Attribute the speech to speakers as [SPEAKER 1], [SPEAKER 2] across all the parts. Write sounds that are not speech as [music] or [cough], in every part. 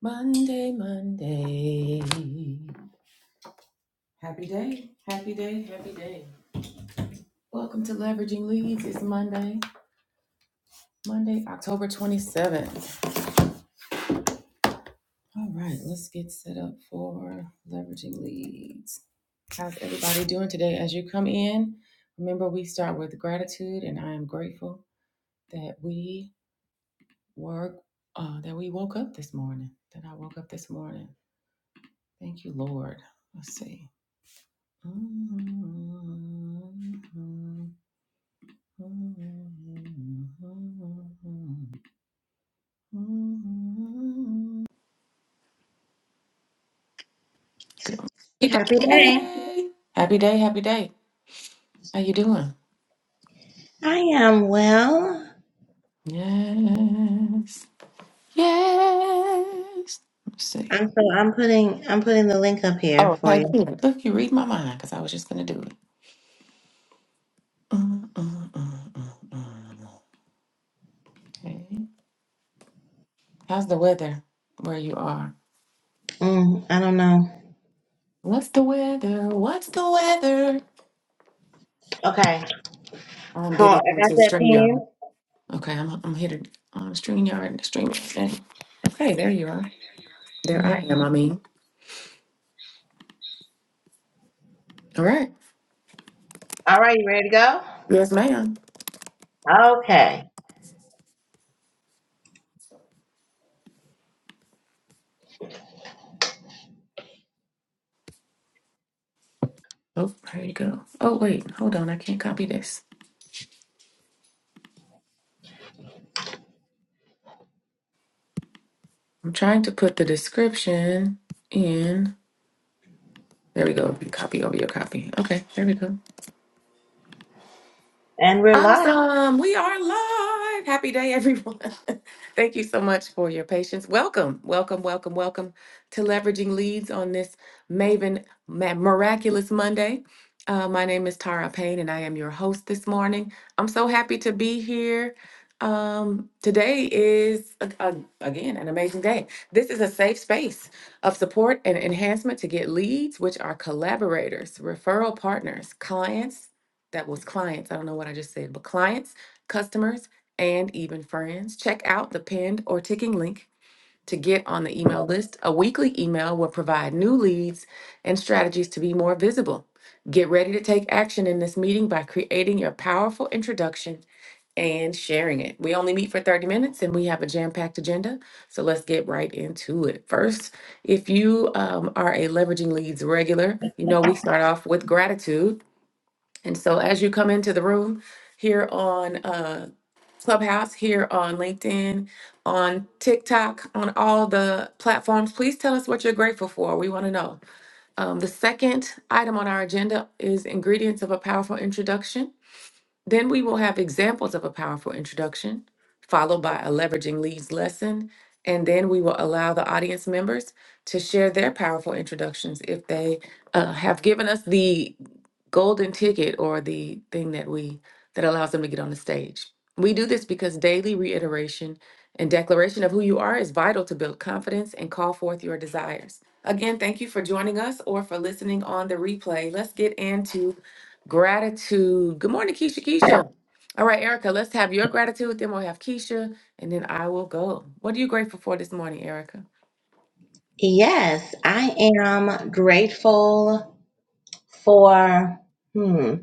[SPEAKER 1] Monday, Monday. Happy day, happy day, happy day. Welcome to Leveraging Leads. It's Monday, Monday, October 27th. All right, let's get set up for Leveraging Leads. How's everybody doing today? As you come in, remember we start with gratitude, and I am grateful that we work, uh, that we woke up this morning, that I woke up this morning. Thank you, Lord. Let's see. Mm-hmm. Happy
[SPEAKER 2] Happy day.
[SPEAKER 1] day. Happy day, happy day. How you doing?
[SPEAKER 2] I am well.
[SPEAKER 1] Yes. Yes. Let's see.
[SPEAKER 2] I'm so I'm putting I'm putting the link up here
[SPEAKER 1] Oh,
[SPEAKER 2] for
[SPEAKER 1] thank
[SPEAKER 2] you.
[SPEAKER 1] you. look, you read my mind because I was just going to do it. Mm, mm, mm, mm, mm. mm. Okay. How's the weather where you are?
[SPEAKER 2] Mm, I don't know.
[SPEAKER 1] What's the weather? What's the weather?
[SPEAKER 2] Okay.
[SPEAKER 1] I'm
[SPEAKER 2] Cool.
[SPEAKER 1] getting
[SPEAKER 2] I got
[SPEAKER 1] onto
[SPEAKER 2] that
[SPEAKER 1] StreamYard.
[SPEAKER 2] pen.
[SPEAKER 1] Okay, I'm, I'm here to um, StreamYard and StreamYard. Hey, there you are. There I
[SPEAKER 2] Mhm.
[SPEAKER 1] am, I mean. All right.
[SPEAKER 2] All right, you ready to go?
[SPEAKER 1] Yes, ma'am.
[SPEAKER 2] Okay.
[SPEAKER 1] Oh, here you go. Oh, wait. Hold on. I can't copy this. I'm trying to put the description in. There we go. Copy over your copy. Okay, there we go.
[SPEAKER 2] And we're live.
[SPEAKER 1] Awesome. We are live. Happy day, everyone. [laughs] Thank you so much for your patience. Welcome, welcome, welcome, welcome to Leveraging Leads on this Maven Ma- Miraculous Monday. Uh, my name is Tara Payne, and I am your host this morning. I'm so happy to be here. Um, today is, a- a- again, an amazing day. This is a safe space of support and enhancement to get leads, which are collaborators, referral partners, clients, that was clients. I don't know what I just said, but clients, customers, and even friends. Check out the pinned or ticking link to get on the email list. A weekly email will provide new leads and strategies to be more visible. Get ready to take action in this meeting by creating your powerful introduction and sharing it. We only meet for 30 minutes and we have a jam packed agenda, so let's get right into it. First, if you um, are a Leveraging Leads regular, you know we start off with gratitude. And so as you come into the room here on uh, Clubhouse, here on LinkedIn, on TikTok, on all the platforms, please tell us what you're grateful for. We want to know. Um, the second item on our agenda is ingredients of a powerful introduction. Then we will have examples of a powerful introduction, followed by a leveraging leads lesson, and then we will allow the audience members to share their powerful introductions if they uh, have given us the golden ticket or the thing that we that allows them to get on the stage. We do this because daily reiteration and declaration of who you are is vital to build confidence and call forth your desires. Again, thank you for joining us or for listening on the replay. Let's get into Gratitude. Good morning, Keisha. Keisha. All right, Erica, let's have your gratitude. Then we'll have Keisha, and then I will go. What are you grateful for this morning, Erica?
[SPEAKER 2] Yes, I am grateful for hmm,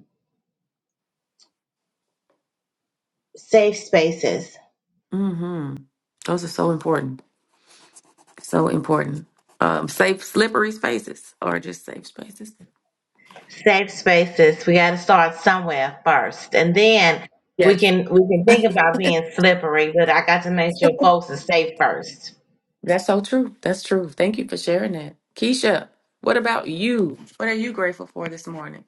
[SPEAKER 2] safe spaces.
[SPEAKER 1] Mm-hmm. Those are so important. So important. Um, safe, slippery spaces, or just safe spaces.
[SPEAKER 2] Safe spaces. We got to start somewhere first, and then we
[SPEAKER 1] Yes,
[SPEAKER 2] can we can think about being slippery. But I got to make sure folks are safe first.
[SPEAKER 1] that's so true. That's true. Thank you for sharing that, Keisha. What about you? What are you grateful for this morning?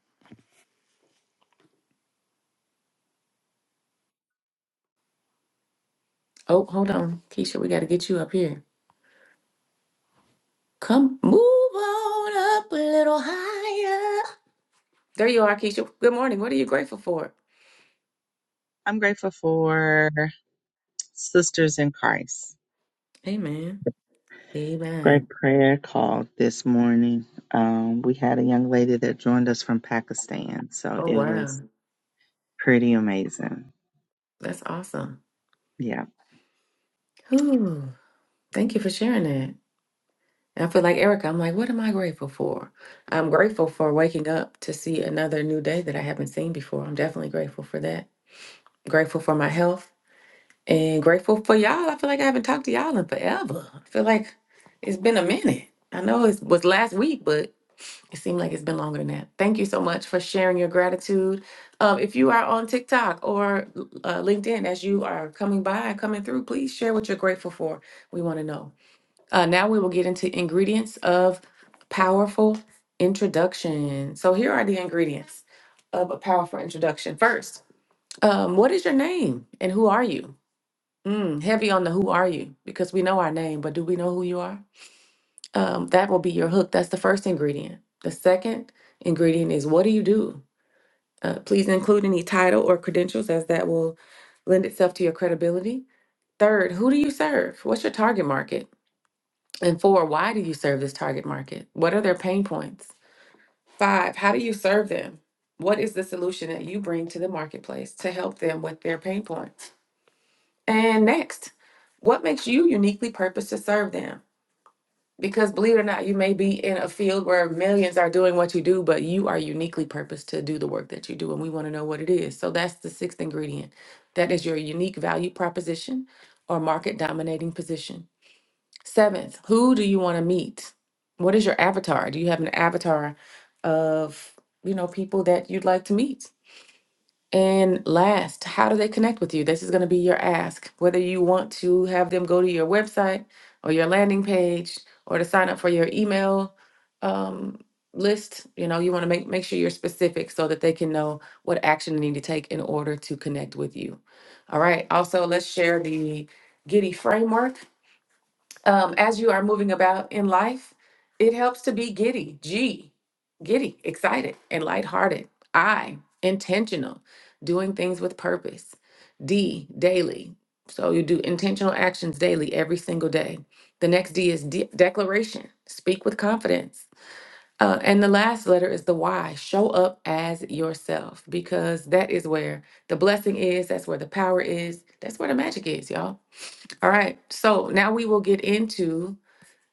[SPEAKER 1] Oh, hold on, Keisha. We got to get you up here. Come move on up a little higher. There you are, Keisha. Good morning. What are you grateful for?
[SPEAKER 3] I'm grateful for Sisters in Christ.
[SPEAKER 1] Amen.
[SPEAKER 3] Great
[SPEAKER 1] Amen.
[SPEAKER 3] prayer call this morning. Um, we had a young lady that joined us from Pakistan, so
[SPEAKER 1] Oh,
[SPEAKER 3] it
[SPEAKER 1] wow.
[SPEAKER 3] was pretty amazing.
[SPEAKER 1] That's awesome.
[SPEAKER 3] Yeah.
[SPEAKER 1] Whew. Thank you for sharing that. I feel like Erica, I'm like, what am I grateful for? I'm grateful for waking up to see another new day that I haven't seen before. I'm definitely grateful for that. Grateful for my health and grateful for y'all. I feel like I haven't talked to y'all in forever. I feel like it's been a minute. I know it was last week, but. It seemed like it's been longer than that. Thank you so much for sharing your gratitude. Um, if you are on TikTok or uh, LinkedIn as you are coming by and coming through, please share what you're grateful for. We want to know. Uh, now we will get into ingredients of powerful introduction. So here are the ingredients of a powerful introduction. First, um, what is your name and who are you? Mm, heavy on the who are you because we know our name, but do we know who you are? um, that will be your hook. That's the first ingredient. The second ingredient is what do you do? Uh, please include any title or credentials, as that will lend itself to your credibility. Third, who do you serve? What's your target market? And four, why do you serve this target market? What are their pain points? Five, how do you serve them? What is the solution that you bring to the marketplace to help them with their pain points? And next, what makes you uniquely purposed to serve them? Because believe it or not, you may be in a field where millions are doing what you do, but you are uniquely purposed to do the work that you do. And we want to know what it is. So that's the sixth ingredient. That is your unique value proposition or market dominating position. Seventh, who do you want to meet? What is your avatar? Do you have an avatar of, you know, people that you'd like to meet? And last, how do they connect with you? This is going to be your ask. Whether you want to have them go to your website or your landing page or to sign up for your email um, list, you know, you want to make, make sure you're specific so that they can know what action they need to take in order to connect with you. All right. Also, let's share the Giddy framework um, as you are moving about in life, it helps to be giddy, G, giddy, excited, and lighthearted. I, intentional, doing things with purpose. D, daily. So you do intentional actions daily, every single day. The next D is de- declaration, speak with confidence. Uh, and the last letter is the Y, show up as yourself, because that is where the blessing is, that's where the power is, that's where the magic is, y'all. All right, so now we will get into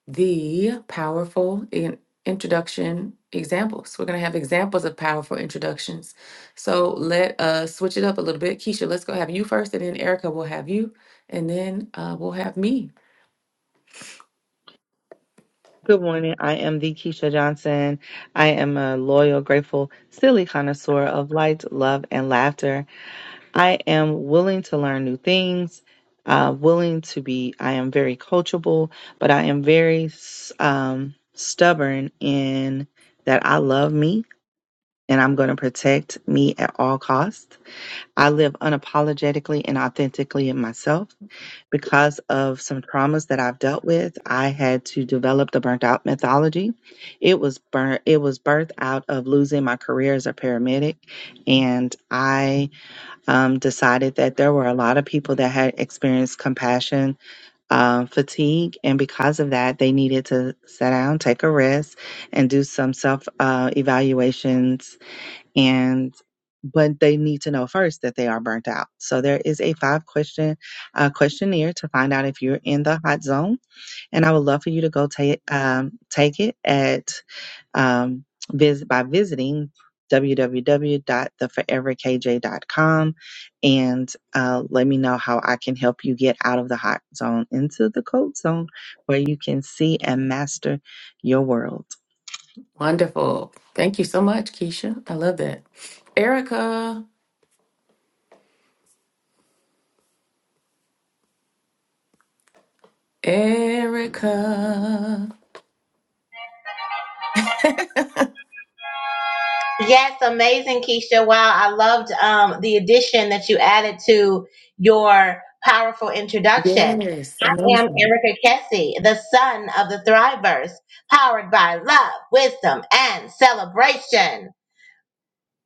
[SPEAKER 1] the powerful in- introduction examples. We're going to have examples of powerful introductions. So let us switch it up a little bit. Keisha, let's go have you first, and then Erica will have you, and then uh, we'll have me.
[SPEAKER 3] Good morning. I am the Keisha Johnson. I am a loyal, grateful, silly connoisseur of light, love, and laughter. I am willing to learn new things, uh, willing to be, I am very coachable, but I am very s- um, stubborn in that I love me and I'm going to protect me at all costs. I live unapologetically and authentically in myself. Because of some traumas that I've dealt with, I had to develop the burnt out methodology. It was burnt, it was birthed out of losing my career as a paramedic. And I um, decided that there were a lot of people that had experienced compassion um, fatigue. And because of that, they needed to sit down, take a rest, and do some self uh, evaluations. And but they need to know first that they are burnt out. So there is a five question uh, questionnaire to find out if you're in the hot zone and I would love for you to go take um, take it at um, vis- by visiting w w w dot the forever k j dot com, and uh, let me know how I can help you get out of the hot zone into the cold zone where you can see and master your world.
[SPEAKER 1] Wonderful. Thank you so much, Keisha. I love that. Erica, Erica.
[SPEAKER 2] Yes, amazing, Keisha. Wow, I loved um, the addition that you added to your powerful introduction.
[SPEAKER 1] Yes, I'm
[SPEAKER 2] I am
[SPEAKER 1] noticing.
[SPEAKER 2] Erica Kessie, the son of the Thrivers, powered by love, wisdom, and celebration.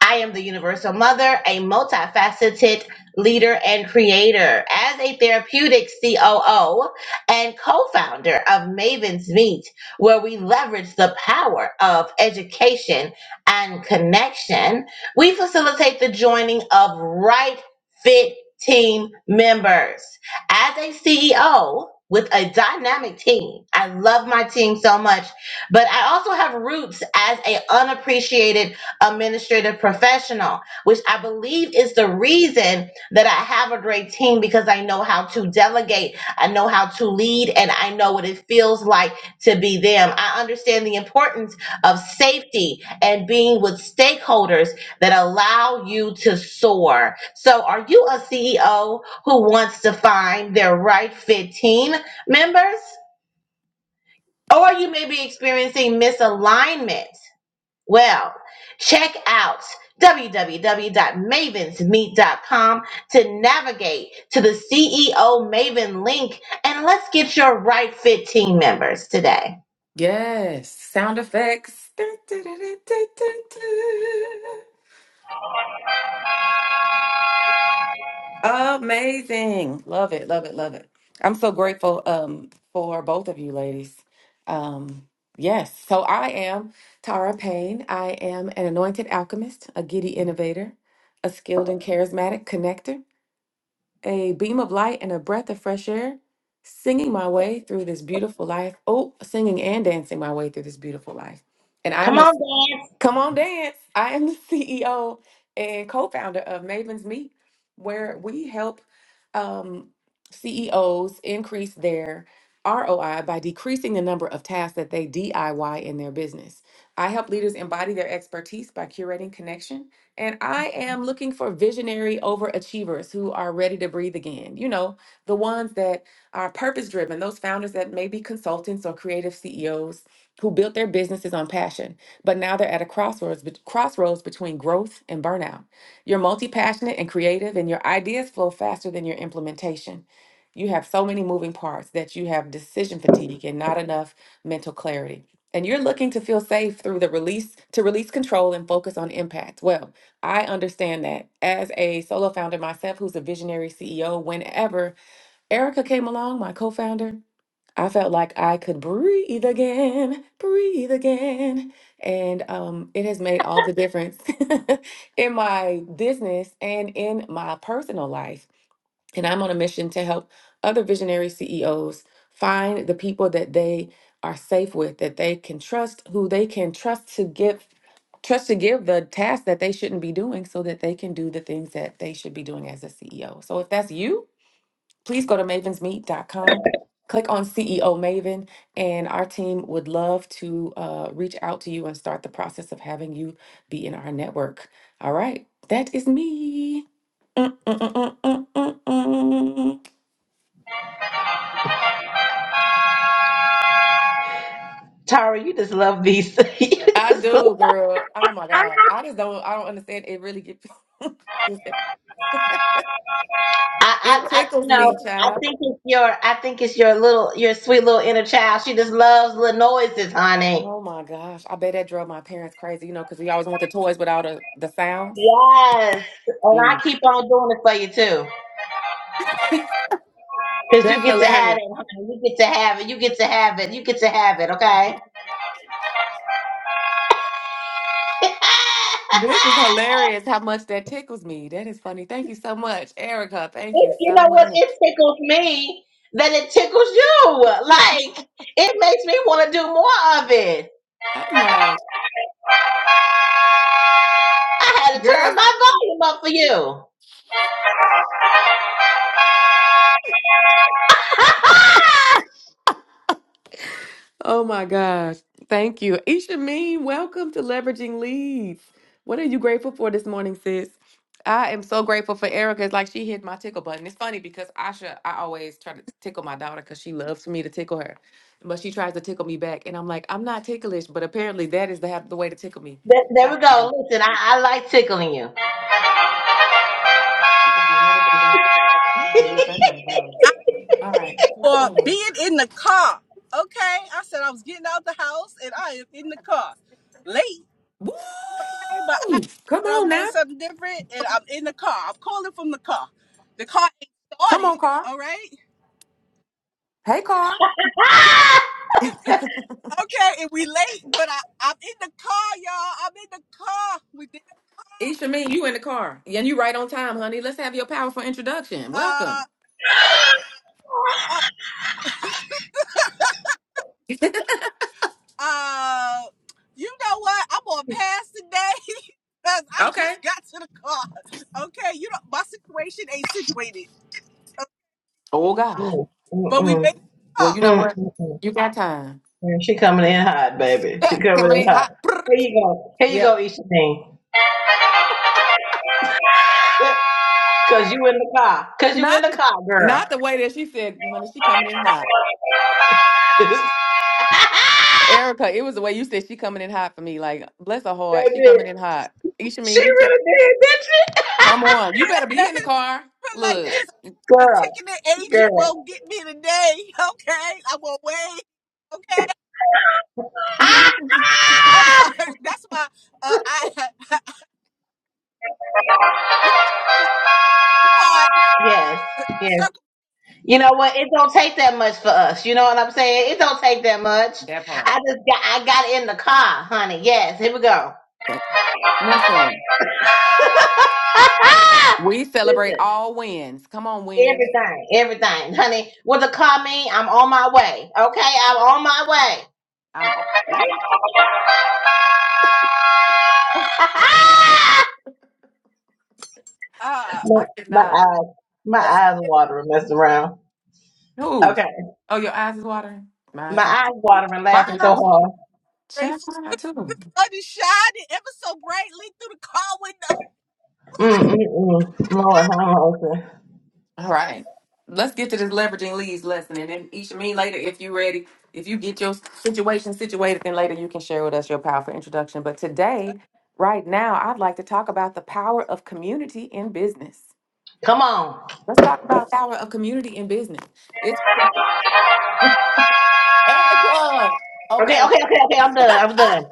[SPEAKER 2] I am the universal mother, a multifaceted leader and creator. As a therapeutic COO and co founder of Maven's Meet, where we leverage the power of education and connection, we facilitate the joining of right fit team members. As a CEO, with a dynamic team. I love my team so much, but I also have roots as a unappreciated administrative professional, which I believe is the reason that I have a great team because I know how to delegate, I know how to lead, and I know what it feels like to be them. I understand the importance of safety and being with stakeholders that allow you to soar. So, are you a CEO who wants to find their right fit team members? Or you may be experiencing misalignment well, check out www.mavensmeet.com to navigate to the CEO Maven link and let's get your right fit team members today.
[SPEAKER 1] Yes, sound effects. Dun, dun, dun, dun, dun, dun, dun. Amazing. Love it. Love it. Love it. I'm so grateful um for both of you ladies. Um yes, so I am Tara Payne. I am an anointed alchemist, a giddy innovator, a skilled and charismatic connector, a beam of light and a breath of fresh air, singing my way through this beautiful life. Oh, singing and dancing my way through this beautiful life. And I'm
[SPEAKER 2] Come
[SPEAKER 1] the
[SPEAKER 2] on, Dan.
[SPEAKER 1] Come on, dance. I am the [laughs] CEO and co founder of Maven's Meet, where we help um, CEOs increase their ROI by decreasing the number of tasks that they DIY in their business. I help leaders embody their expertise by curating connection. And I am looking for visionary overachievers who are ready to breathe again. You know, the ones that are purpose driven, those founders that may be consultants or creative CEOs who built their businesses on passion. But now they're at a crossroads, bet- crossroads between growth and burnout. You're multi passionate and creative, and your ideas flow faster than your implementation. You have so many moving parts that you have decision fatigue and not enough mental clarity. And you're looking to feel safe through the release to release control and focus on impact. Well, I understand that as a solo founder myself, who's a visionary CEO, whenever Erica came along, my co founder, I felt like I could breathe again, breathe again. And um, it has made all the difference [laughs] in my business and in my personal life. And I'm on a mission to help other visionary CEOs find the people that they are safe with, that they can trust, who they can trust to give trust to give the tasks that they shouldn't be doing so that they can do the things that they should be doing as a CEO. So if that's you, please go to mavens meet dot com. click on CEO Maven, and our team would love to uh, reach out to you and start the process of having you be in our network. All right, that is me. Mm, mm, mm, mm, mm, mm, mm.
[SPEAKER 2] Tara, you just love these. [laughs] you
[SPEAKER 1] I
[SPEAKER 2] just
[SPEAKER 1] do, girl. Oh my God, I just don't. I don't understand. It really gets.
[SPEAKER 2] I,
[SPEAKER 1] [laughs]
[SPEAKER 2] I,
[SPEAKER 1] it
[SPEAKER 2] you
[SPEAKER 1] tickles
[SPEAKER 2] know,
[SPEAKER 1] me,
[SPEAKER 2] I
[SPEAKER 1] child.
[SPEAKER 2] think it's your, I think it's your little, your sweet little inner child. She just loves little noises, honey.
[SPEAKER 1] Oh my gosh, I bet that drove my parents crazy. You know, because we always want the toys without a, the sounds.
[SPEAKER 2] Yes, and
[SPEAKER 1] Mm.
[SPEAKER 2] I keep on doing it for you too, because you
[SPEAKER 1] That's
[SPEAKER 2] get to
[SPEAKER 1] hilarious.
[SPEAKER 2] have it, honey. You get to have it. You get to have it. You get to have it. Okay. [laughs]
[SPEAKER 1] This is hilarious how much that tickles me. That is funny. Thank you so much, Erica. Thank you
[SPEAKER 2] It- you
[SPEAKER 1] so
[SPEAKER 2] know what? It
[SPEAKER 1] much.
[SPEAKER 2] tickles me that it tickles you. Like it makes me want to do more of it.
[SPEAKER 1] I'm
[SPEAKER 2] I
[SPEAKER 1] like,
[SPEAKER 2] had to turn
[SPEAKER 1] girls.
[SPEAKER 2] my volume up for you. [laughs]
[SPEAKER 1] Oh my gosh. Thank you. Isha Mean, welcome to Leveraging Leads. What are you grateful for this morning, sis? I am so grateful for Erica. It's like she hit my tickle button. It's funny because Asha, I always try to tickle my daughter because she loves for me to tickle her. But she tries to tickle me back. And I'm like, I'm not ticklish, but apparently that is the, the way to tickle me.
[SPEAKER 2] There, there we go. Listen, I, I like tickling you.
[SPEAKER 1] So,
[SPEAKER 2] [laughs]
[SPEAKER 1] All
[SPEAKER 4] I'm grateful
[SPEAKER 1] right.
[SPEAKER 4] for
[SPEAKER 1] Um,
[SPEAKER 4] being in the car. Okay, I said I was getting out the house and I am in the car. Late,
[SPEAKER 1] Woo!
[SPEAKER 4] okay, but I
[SPEAKER 1] Come
[SPEAKER 4] said
[SPEAKER 1] on
[SPEAKER 4] I'm doing
[SPEAKER 1] now.
[SPEAKER 4] something different and I'm in the car. I'm calling from the car. The car ain't
[SPEAKER 1] Come on,
[SPEAKER 4] started,
[SPEAKER 1] car.
[SPEAKER 4] all right?
[SPEAKER 1] Hey, car.
[SPEAKER 2] Ah!
[SPEAKER 4] Okay, and we late, but I, I'm in the car, y'all. I'm in the car. We did
[SPEAKER 1] Isha,
[SPEAKER 4] something
[SPEAKER 1] me, you in the car. And you right on time, honey. Let's have your powerful introduction.
[SPEAKER 4] different. uh
[SPEAKER 1] Welcome.
[SPEAKER 4] uh
[SPEAKER 1] [laughs]
[SPEAKER 4] uh you know what? I'm on pass today [laughs] because I
[SPEAKER 1] okay.
[SPEAKER 4] just got to the car. Okay, you know my situation ain't situated.
[SPEAKER 1] Oh, God.
[SPEAKER 2] Mm, mm,
[SPEAKER 4] But we made
[SPEAKER 2] mm,
[SPEAKER 4] it
[SPEAKER 1] Well, you
[SPEAKER 4] up.
[SPEAKER 1] know
[SPEAKER 2] mm,
[SPEAKER 1] what?
[SPEAKER 2] mm, mm.
[SPEAKER 1] You got time.
[SPEAKER 2] Yeah, She coming in hot, baby.
[SPEAKER 1] [laughs] Yeah,
[SPEAKER 2] She coming in
[SPEAKER 1] Coming in
[SPEAKER 2] hot.
[SPEAKER 1] hot.
[SPEAKER 2] Here
[SPEAKER 1] Brrrt.
[SPEAKER 2] you go. Here you
[SPEAKER 1] Yep.
[SPEAKER 2] go, Isha Thing. [laughs] Cause you in the car. Cause you in the
[SPEAKER 1] Not,
[SPEAKER 2] car, girl.
[SPEAKER 1] not the way that she said, honey, she coming in hot.
[SPEAKER 2] [laughs]
[SPEAKER 1] Erica, it was the way you said she coming in hot for me. Like, bless her heart. She
[SPEAKER 2] baby,
[SPEAKER 1] coming in hot. Isha, me,
[SPEAKER 2] she
[SPEAKER 1] get your
[SPEAKER 2] really did, did not she?
[SPEAKER 1] Come on. You better be
[SPEAKER 4] [laughs]
[SPEAKER 1] in the car.
[SPEAKER 4] But like
[SPEAKER 1] Look,
[SPEAKER 4] this,
[SPEAKER 2] [laughs]
[SPEAKER 4] the
[SPEAKER 2] Girl,
[SPEAKER 4] ticketing agent
[SPEAKER 2] girl.
[SPEAKER 4] won't get me today. [laughs] Okay, I will wait. Okay,
[SPEAKER 1] [laughs]
[SPEAKER 4] I'm
[SPEAKER 2] [laughs]
[SPEAKER 4] sorry. [laughs] That's why uh, I [laughs] we got this part
[SPEAKER 2] Yes, yes.
[SPEAKER 4] circle
[SPEAKER 2] You know what? It don't take that much for us. You know what I'm saying? It don't take that much.
[SPEAKER 1] that part.
[SPEAKER 2] I just got I got in the car, honey. Yes, here we go.
[SPEAKER 1] But listen, we
[SPEAKER 2] [laughs]
[SPEAKER 1] celebrate
[SPEAKER 2] Listen,
[SPEAKER 1] all wins. Come on, wins.
[SPEAKER 2] everything, everything, honey. What the car mean? I'm on my way. Okay, I'm on my way.
[SPEAKER 1] I'm.
[SPEAKER 4] uh
[SPEAKER 2] [laughs]
[SPEAKER 1] I did
[SPEAKER 2] my, my
[SPEAKER 1] not.
[SPEAKER 2] eyes, my
[SPEAKER 4] as
[SPEAKER 2] eyes watering, messing around.
[SPEAKER 1] Who's?
[SPEAKER 2] Okay,
[SPEAKER 1] Oh, your eyes is watering. Mine
[SPEAKER 2] my
[SPEAKER 1] too.
[SPEAKER 2] eyes watering,
[SPEAKER 1] Mine
[SPEAKER 2] laughing so
[SPEAKER 1] not too.
[SPEAKER 2] hard.
[SPEAKER 1] Check
[SPEAKER 4] grateful.
[SPEAKER 1] mine out too.
[SPEAKER 4] Sun is shining ever so brightly through the car windows.
[SPEAKER 2] Mm, mm, mm. Lord, have mercy.
[SPEAKER 1] All
[SPEAKER 4] [laughs]
[SPEAKER 1] right. Let's get to this leveraging leads lesson, and then each of me later if you are ready. If you get your situation situated, then later you can share with us your powerful introduction. But today, right now, I'd like to talk about the power of community in business.
[SPEAKER 2] Come on.
[SPEAKER 1] Let's talk about power of community and business. It's Erica. Okay.
[SPEAKER 2] Okay, okay, okay, okay. I'm done. I'm done.
[SPEAKER 1] [laughs]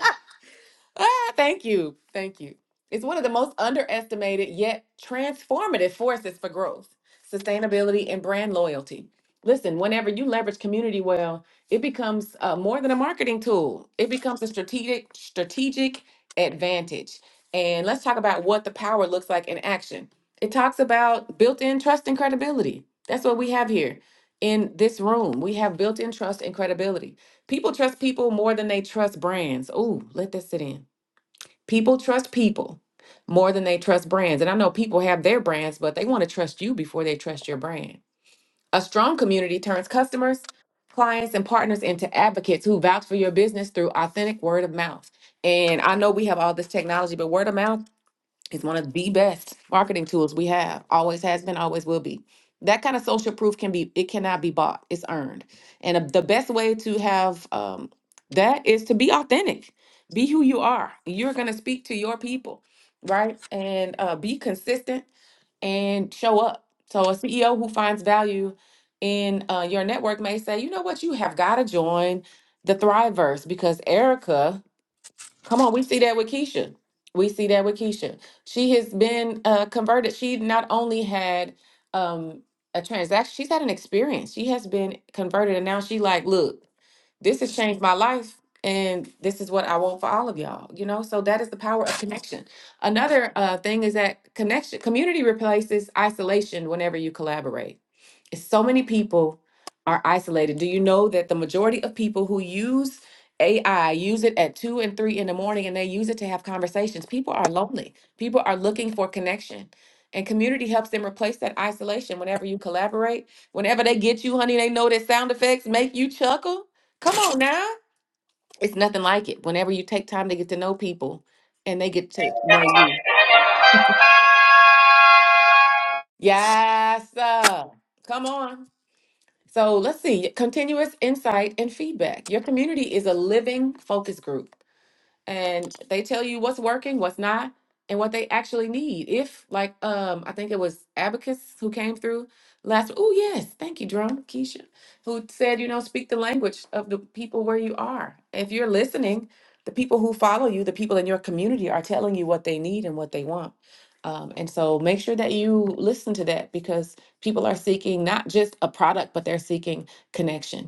[SPEAKER 1] Ah, thank you. Thank you. It's one of the most underestimated yet transformative forces for growth, sustainability, and brand loyalty. Listen, whenever you leverage community well, it becomes uh, more than a marketing tool. It becomes a strategic strategic advantage. And let's talk about what the power looks like in action. It talks about built-in trust and credibility. That's what we have here in this room. We have built-in trust and credibility. People trust people more than they trust brands. Ooh, let that sit in. People trust people more than they trust brands. And I know people have their brands, but they want to trust you before they trust your brand. A strong community turns customers, clients, and partners into advocates who vouch for your business through authentic word of mouth. And I know we have all this technology, but word of mouth it's one of the best marketing tools we have. Always has been, always will be. That kind of social proof can be, it cannot be bought. It's earned. And uh, the best way to have um, that is to be authentic. Be who you are. You're going to speak to your people, right? And uh, be consistent and show up. So a CEO who finds value in uh, your network may say, you know what, you have got to join the Thriveverse because Erica Come on, we see that with Keisha. We see that with Keisha. She has been uh, converted. She not only had um, a transaction, she's had an experience. She has been converted, and now she like, look this has changed my life and this is what i want for all of y'all you know so that is the power of connection another uh, thing is that connection community replaces isolation whenever you collaborate It's so many people are isolated do you know that the majority of people who use ai use it at 2 and 3 in the morning and they use it to have conversations people are lonely people are looking for connection and community helps them replace that isolation whenever you collaborate whenever they get you honey they know that sound effects make you chuckle Come on now. It's nothing like it. Whenever you take time to get to know people and they get to know you. Yes, sir. Come on. So let's see. Continuous insight and feedback. Your community is a living focus group. and they tell you what's working, what's not, and what they actually need. If like um I think it was Abacus who came through last oh yes, thank you, Drum Keisha, who said, you know, speak the language of the people where you are. If you're listening, the people who follow you, the people in your community are telling you what they need and what they want. Um, and so make sure that you listen to that because people are seeking not just a product, but they're seeking connection.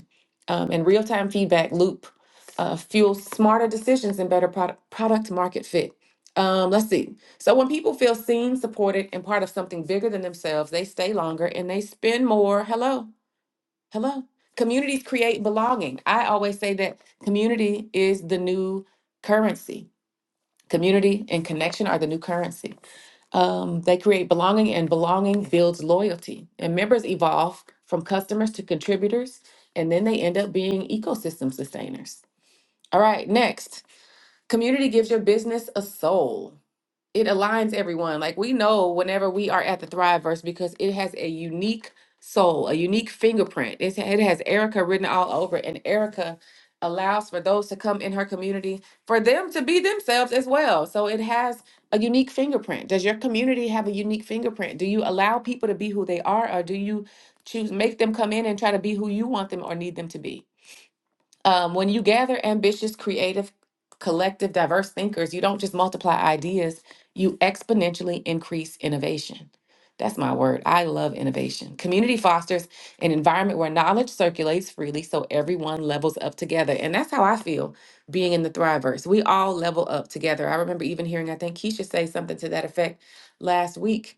[SPEAKER 1] Um, and real time feedback loop uh, fuel smarter decisions and better product, product market fit. Um, let's see. So, when people feel seen, supported, and part of something bigger than themselves, they stay longer and they spend more. Hello, hello. Communities create belonging. I always say that community is the new currency. Community and connection are the new currency. Um, they create belonging, and belonging builds loyalty. And members evolve from customers to contributors, and then they end up being ecosystem sustainers. All right, next. Community gives your business a soul. It aligns everyone. Like we know whenever we are at the Thriveverse because it has a unique soul, a unique fingerprint. It's, it has Erica written all over, it, and Erica allows for those to come in her community for them to be themselves as well. So it has a unique fingerprint. Does your community have a unique fingerprint? Do you allow people to be who they are, or do you choose make them come in and try to be who you want them or need them to be? Um, when you gather ambitious, creative, collective, diverse thinkers, you don't just multiply ideas, you exponentially increase innovation. That's my word. I love innovation. Community fosters an environment where knowledge circulates freely so everyone levels up together. And that's how I feel being in the Thrivers. We all level up together. I remember even hearing, I think Keisha say something to that effect last week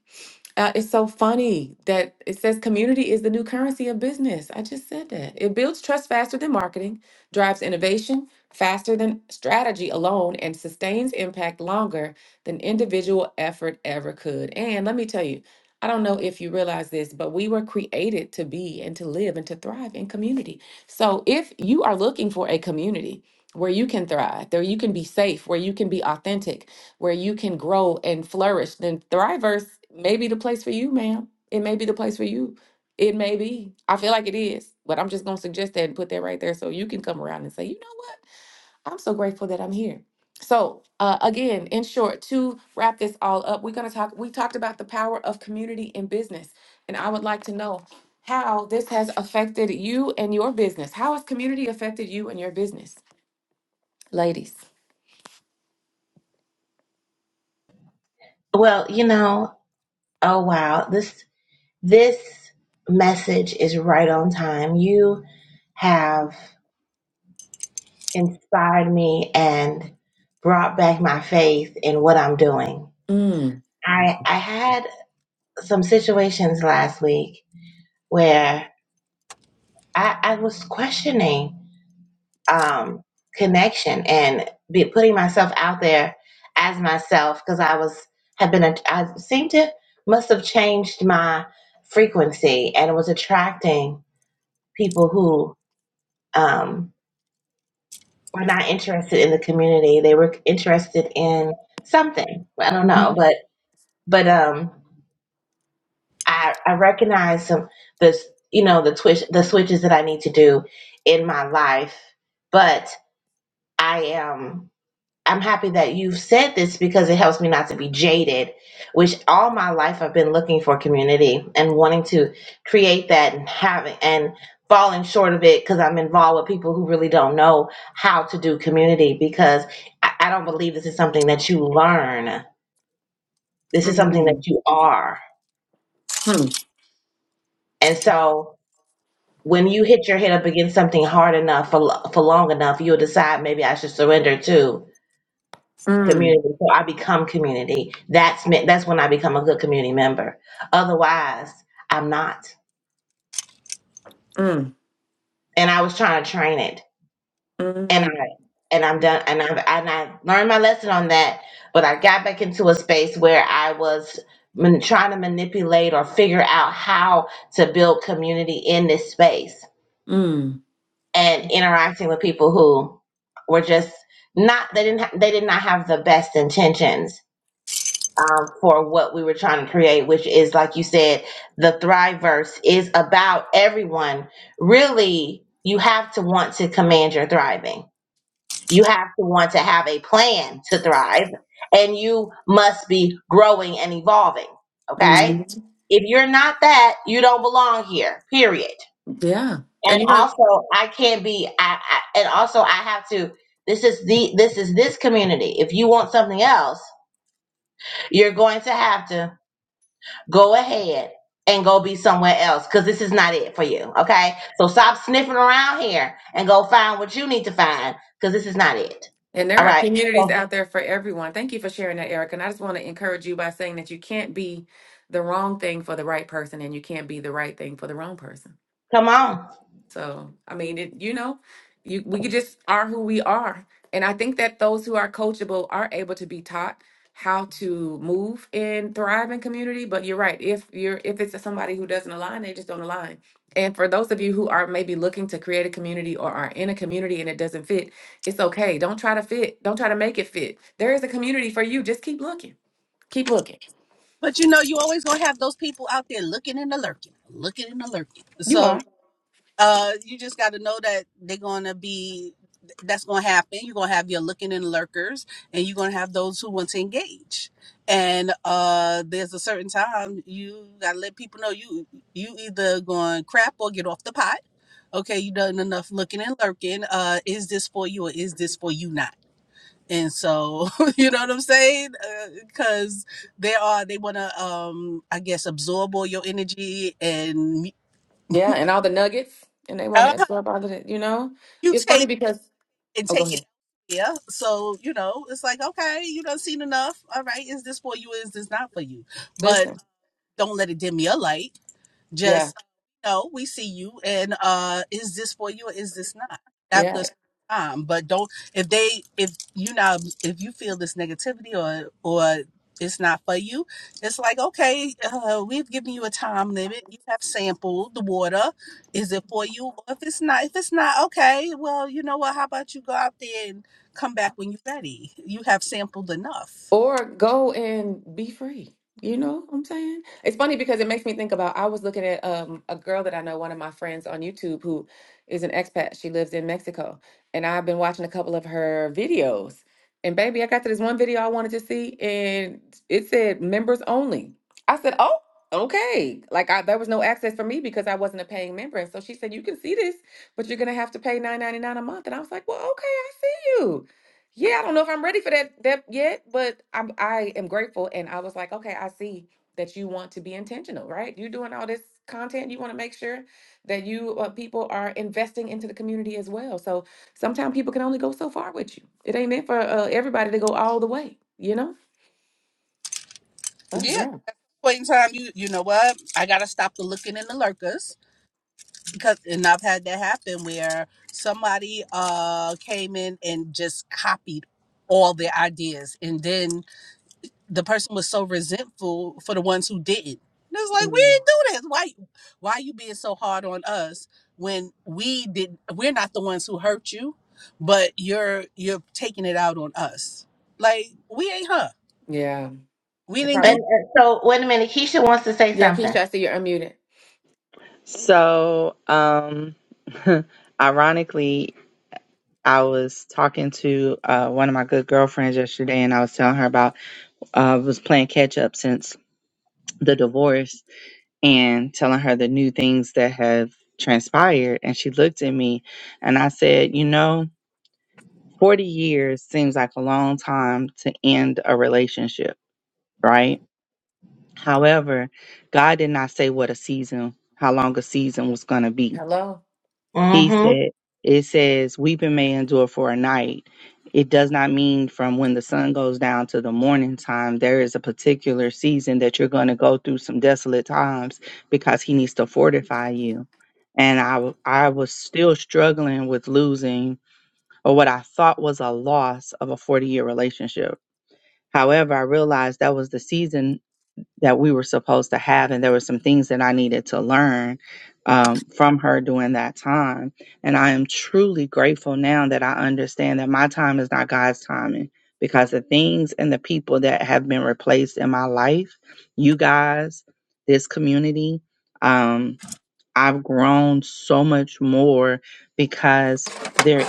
[SPEAKER 1] uh, it's so funny that it says community is the new currency of business. I just said that. It builds trust faster than marketing, drives innovation faster than strategy alone, and sustains impact longer than individual effort ever could. And let me tell you, I don't know if you realize this, but we were created to be and to live and to thrive in community. So if you are looking for a community where you can thrive, there you can be safe, where you can be authentic, where you can grow and flourish, then Thriverse may be the place for you, ma'am. It may be the place for you. It may be. I feel like it is, but I'm just going to suggest that and put that right there so you can come around and say, you know what? I'm so grateful that I'm here. So, uh, again, in short, to wrap this all up, we're going to talk. We talked about the power of community in business, and I would like to know how this has affected you and your business. How has community affected you and your business, ladies?
[SPEAKER 2] Well, you know, oh wow, this this message is right on time. You have inspired me and brought back my faith in what I'm doing.
[SPEAKER 1] Mm.
[SPEAKER 2] I I had some situations last week where I, I was questioning um, connection and be putting myself out there as myself because I was have been a- I seem to must have changed my frequency and was attracting people who um, were not interested in the community. They were interested in something. I don't know,
[SPEAKER 1] Mhm.
[SPEAKER 2] but but um, I I recognize some this you know the twitch the switches that I need to do in my life, but I am. I'm happy that you've said this because it helps me not to be jaded, which all my life I've been looking for community and wanting to create that and having and falling short of it because I'm involved with people who really don't know how to do community because I, I don't believe this is something that you learn. This is something
[SPEAKER 1] Mhm.
[SPEAKER 2] that you are.
[SPEAKER 1] Hmm.
[SPEAKER 2] And so when you hit your head up against something hard enough for, lo- for long enough, you'll decide maybe I should surrender too
[SPEAKER 1] Mm.
[SPEAKER 2] community. So I become community. That's me- that's when I become a good community member. Otherwise, I'm not.
[SPEAKER 1] Mm,
[SPEAKER 2] And I was trying to train it, and
[SPEAKER 1] mm,
[SPEAKER 2] I and I'm done. And I and I learned my lesson on that. But I got back into a space where I was man, trying to manipulate or figure out how to build community in this space
[SPEAKER 1] mm,
[SPEAKER 2] and interacting with people who were just not they didn't ha- they did not have the best intentions um, for what we were trying to create, which is, like you said, the Thriveverse is about everyone. Really, you have to want to command your thriving. You have to want to have a plan to thrive, and you must be growing and evolving. Okay?
[SPEAKER 1] mm.
[SPEAKER 2] If you're not that, you don't belong here, period.
[SPEAKER 1] Yeah.
[SPEAKER 2] And
[SPEAKER 1] And you know,
[SPEAKER 2] also, I can't be, I, I and also, I have to. This is the this is this community. If you want something else, you're going to have to go ahead and go be somewhere else because this is not it for you. Okay. So stop sniffing around here and go find what you need to find because this is not it.
[SPEAKER 1] and there
[SPEAKER 2] All
[SPEAKER 1] are
[SPEAKER 2] right.
[SPEAKER 1] communities
[SPEAKER 2] So
[SPEAKER 1] out there for everyone. Thank you for sharing that, Eric. And I just want to encourage you by saying that you can't be the wrong thing for the right person and you can't be the right thing for the wrong person.
[SPEAKER 2] come on.
[SPEAKER 1] So, I mean, it, you know, you, we could just are who we are. And I think that those who are coachable are able to be taught how to move and thrive in community. But you're right. If you're, if it's somebody who doesn't align, they just don't align. And for those of you who are maybe looking to create a community or are in a community and it doesn't fit, it's okay. Don't try to fit. Don't try to make it fit. There is a community for you. Just keep looking. Keep looking.
[SPEAKER 4] But you know, you always gonna have those people out there looking and a lurking, looking and a lurking.
[SPEAKER 1] You
[SPEAKER 4] So
[SPEAKER 1] are.
[SPEAKER 4] Uh, you just got to know that they're gonna be. That's gonna happen. You're gonna have your looking and lurkers, and you're gonna have those who want to engage. And uh, there's a certain time you gotta let people know you you either going crap or get off the pot. Okay, you done enough looking and lurking. Uh, is this for you or is this for you not? And so [laughs] you know what I'm saying? Because they are they wanna um I guess absorb all your energy and
[SPEAKER 1] Yeah, and all the nuggets, and they want
[SPEAKER 4] uh,
[SPEAKER 1] to absorb all of it. You know, it's
[SPEAKER 4] mutate [laughs]
[SPEAKER 1] funny because
[SPEAKER 4] and
[SPEAKER 1] oh, go
[SPEAKER 4] take it
[SPEAKER 1] ahead.
[SPEAKER 4] yeah so you know it's like okay you done seen enough all right is this for you is this not for you but
[SPEAKER 1] Listen,
[SPEAKER 4] don't let it dim your light
[SPEAKER 1] yeah,
[SPEAKER 4] just no, we see you, and uh, is this for you or is this not? After
[SPEAKER 1] yeah.
[SPEAKER 4] a certain time, but don't if they if you not if you feel this negativity or or it's not for you, it's like okay, uh, we've given you a time limit. You have sampled the water. Is it for you? Or if it's not, if it's not okay, well, you know what? How about you go out there and come back when you're ready? You have sampled enough.
[SPEAKER 1] or go and be free. You know what I'm saying? It's funny because it makes me think about I was looking at um a girl that I know, one of my friends on YouTube who is an expat. She lives in Mexico. And I've been watching a couple of her videos. And baby, I got to this one video I wanted to see and it said members only. I said, "Oh, okay." Like I, there was no access for me because I wasn't a paying member. And so she said, "You can see this, but you're going to have to pay 9.99 a month." And I was like, "Well, okay, I see you." Yeah, I don't know if I'm ready for that that yet, but I'm I am grateful and I was like, okay, I see that you want to be intentional, right? You're doing all this content, you want to make sure that you uh, people are investing into the community as well. So sometimes people can only go so far with you. It ain't meant for uh, everybody to go all the way, you know? Oh
[SPEAKER 4] Yeah,
[SPEAKER 1] yeah.
[SPEAKER 4] point in time, you you know what? I gotta stop the looking and the lurkers because and I've had that happen where somebody uh came in and just copied all their ideas and then the person was so resentful for the ones who didn't. And it's like we
[SPEAKER 1] Mm,
[SPEAKER 4] didn't do this. Why why you being so hard on us when we did we're not the ones who hurt you, but you're you're taking it out on us. Like we ain't her.
[SPEAKER 1] yeah.
[SPEAKER 4] We
[SPEAKER 1] It
[SPEAKER 4] didn't
[SPEAKER 2] And,
[SPEAKER 4] do
[SPEAKER 1] probably.
[SPEAKER 2] and so wait a minute. Keisha wants to say
[SPEAKER 1] Yeah,
[SPEAKER 2] something.
[SPEAKER 1] Keisha, I see you're unmuted.
[SPEAKER 3] So, um, [laughs] ironically, I was talking to uh, one of my good girlfriends yesterday and I was telling her about uh, I was playing catch up since the divorce and telling her the new things that have transpired. And she looked at me and I said, You know, 40 years seems like a long time to end a relationship, right? However, God did not say what a season, how long a season was going to be.
[SPEAKER 1] Hello.
[SPEAKER 2] Mm
[SPEAKER 3] He
[SPEAKER 2] hmm.
[SPEAKER 3] said, it says, weeping may endure for a night. It does not mean from when the sun goes down to the morning time. There is a particular season that you're going to go through some desolate times because he needs to fortify you. And I, w- I was still struggling with losing or what I thought was a loss of a 40 year relationship. However, I realized that was the season that we were supposed to have. And there were some things that I needed to learn um, from her during that time. And I am truly grateful now that I understand that my time is not God's timing because the things and the people that have been replaced in my life, you guys, this community, um, I've grown so much more because there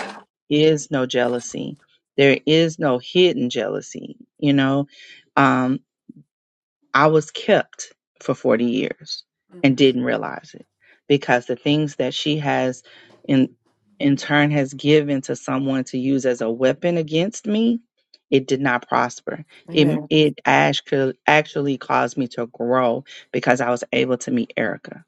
[SPEAKER 3] is no jealousy. There is no hidden jealousy, you know Um, I was kept for 40 years and
[SPEAKER 1] Mm,
[SPEAKER 3] didn't realize it because the things that she has in in turn has given to someone to use as a weapon against me, it did not prosper.
[SPEAKER 1] Amen.
[SPEAKER 3] It it actually actually caused me to grow because I was able to meet Erica.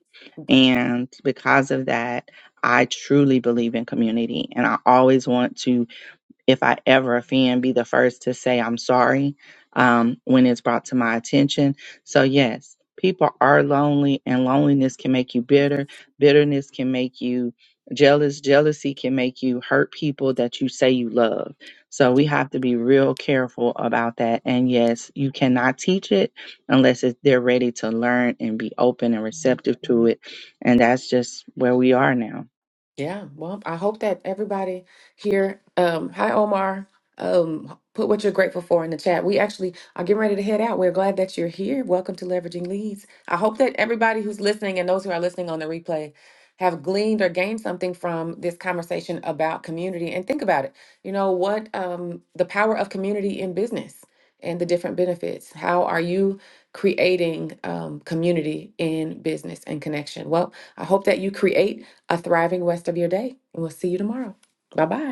[SPEAKER 3] And because of that, I truly believe in community and I always want to if I ever offend, be the first to say I'm sorry um, when it's brought to my attention. So, yes, people are lonely, and loneliness can make you bitter. Bitterness can make you jealous. Jealousy can make you hurt people that you say you love. So, we have to be real careful about that. And yes, you cannot teach it unless it, they're ready to learn and be open and receptive to it. And that's just where we are now.
[SPEAKER 1] Yeah, well, I hope that everybody here, um, hi Omar, um, put what you're grateful for in the chat. We actually are getting ready to head out. We're glad that you're here. Welcome to Leveraging Leads. I hope that everybody who's listening and those who are listening on the replay have gleaned or gained something from this conversation about community. And think about it, you know, what um, the power of community in business and the different benefits. How are you creating um, community in business and connection? Well, I hope that you create a thriving rest of your day. And we'll see you tomorrow. Bye bye.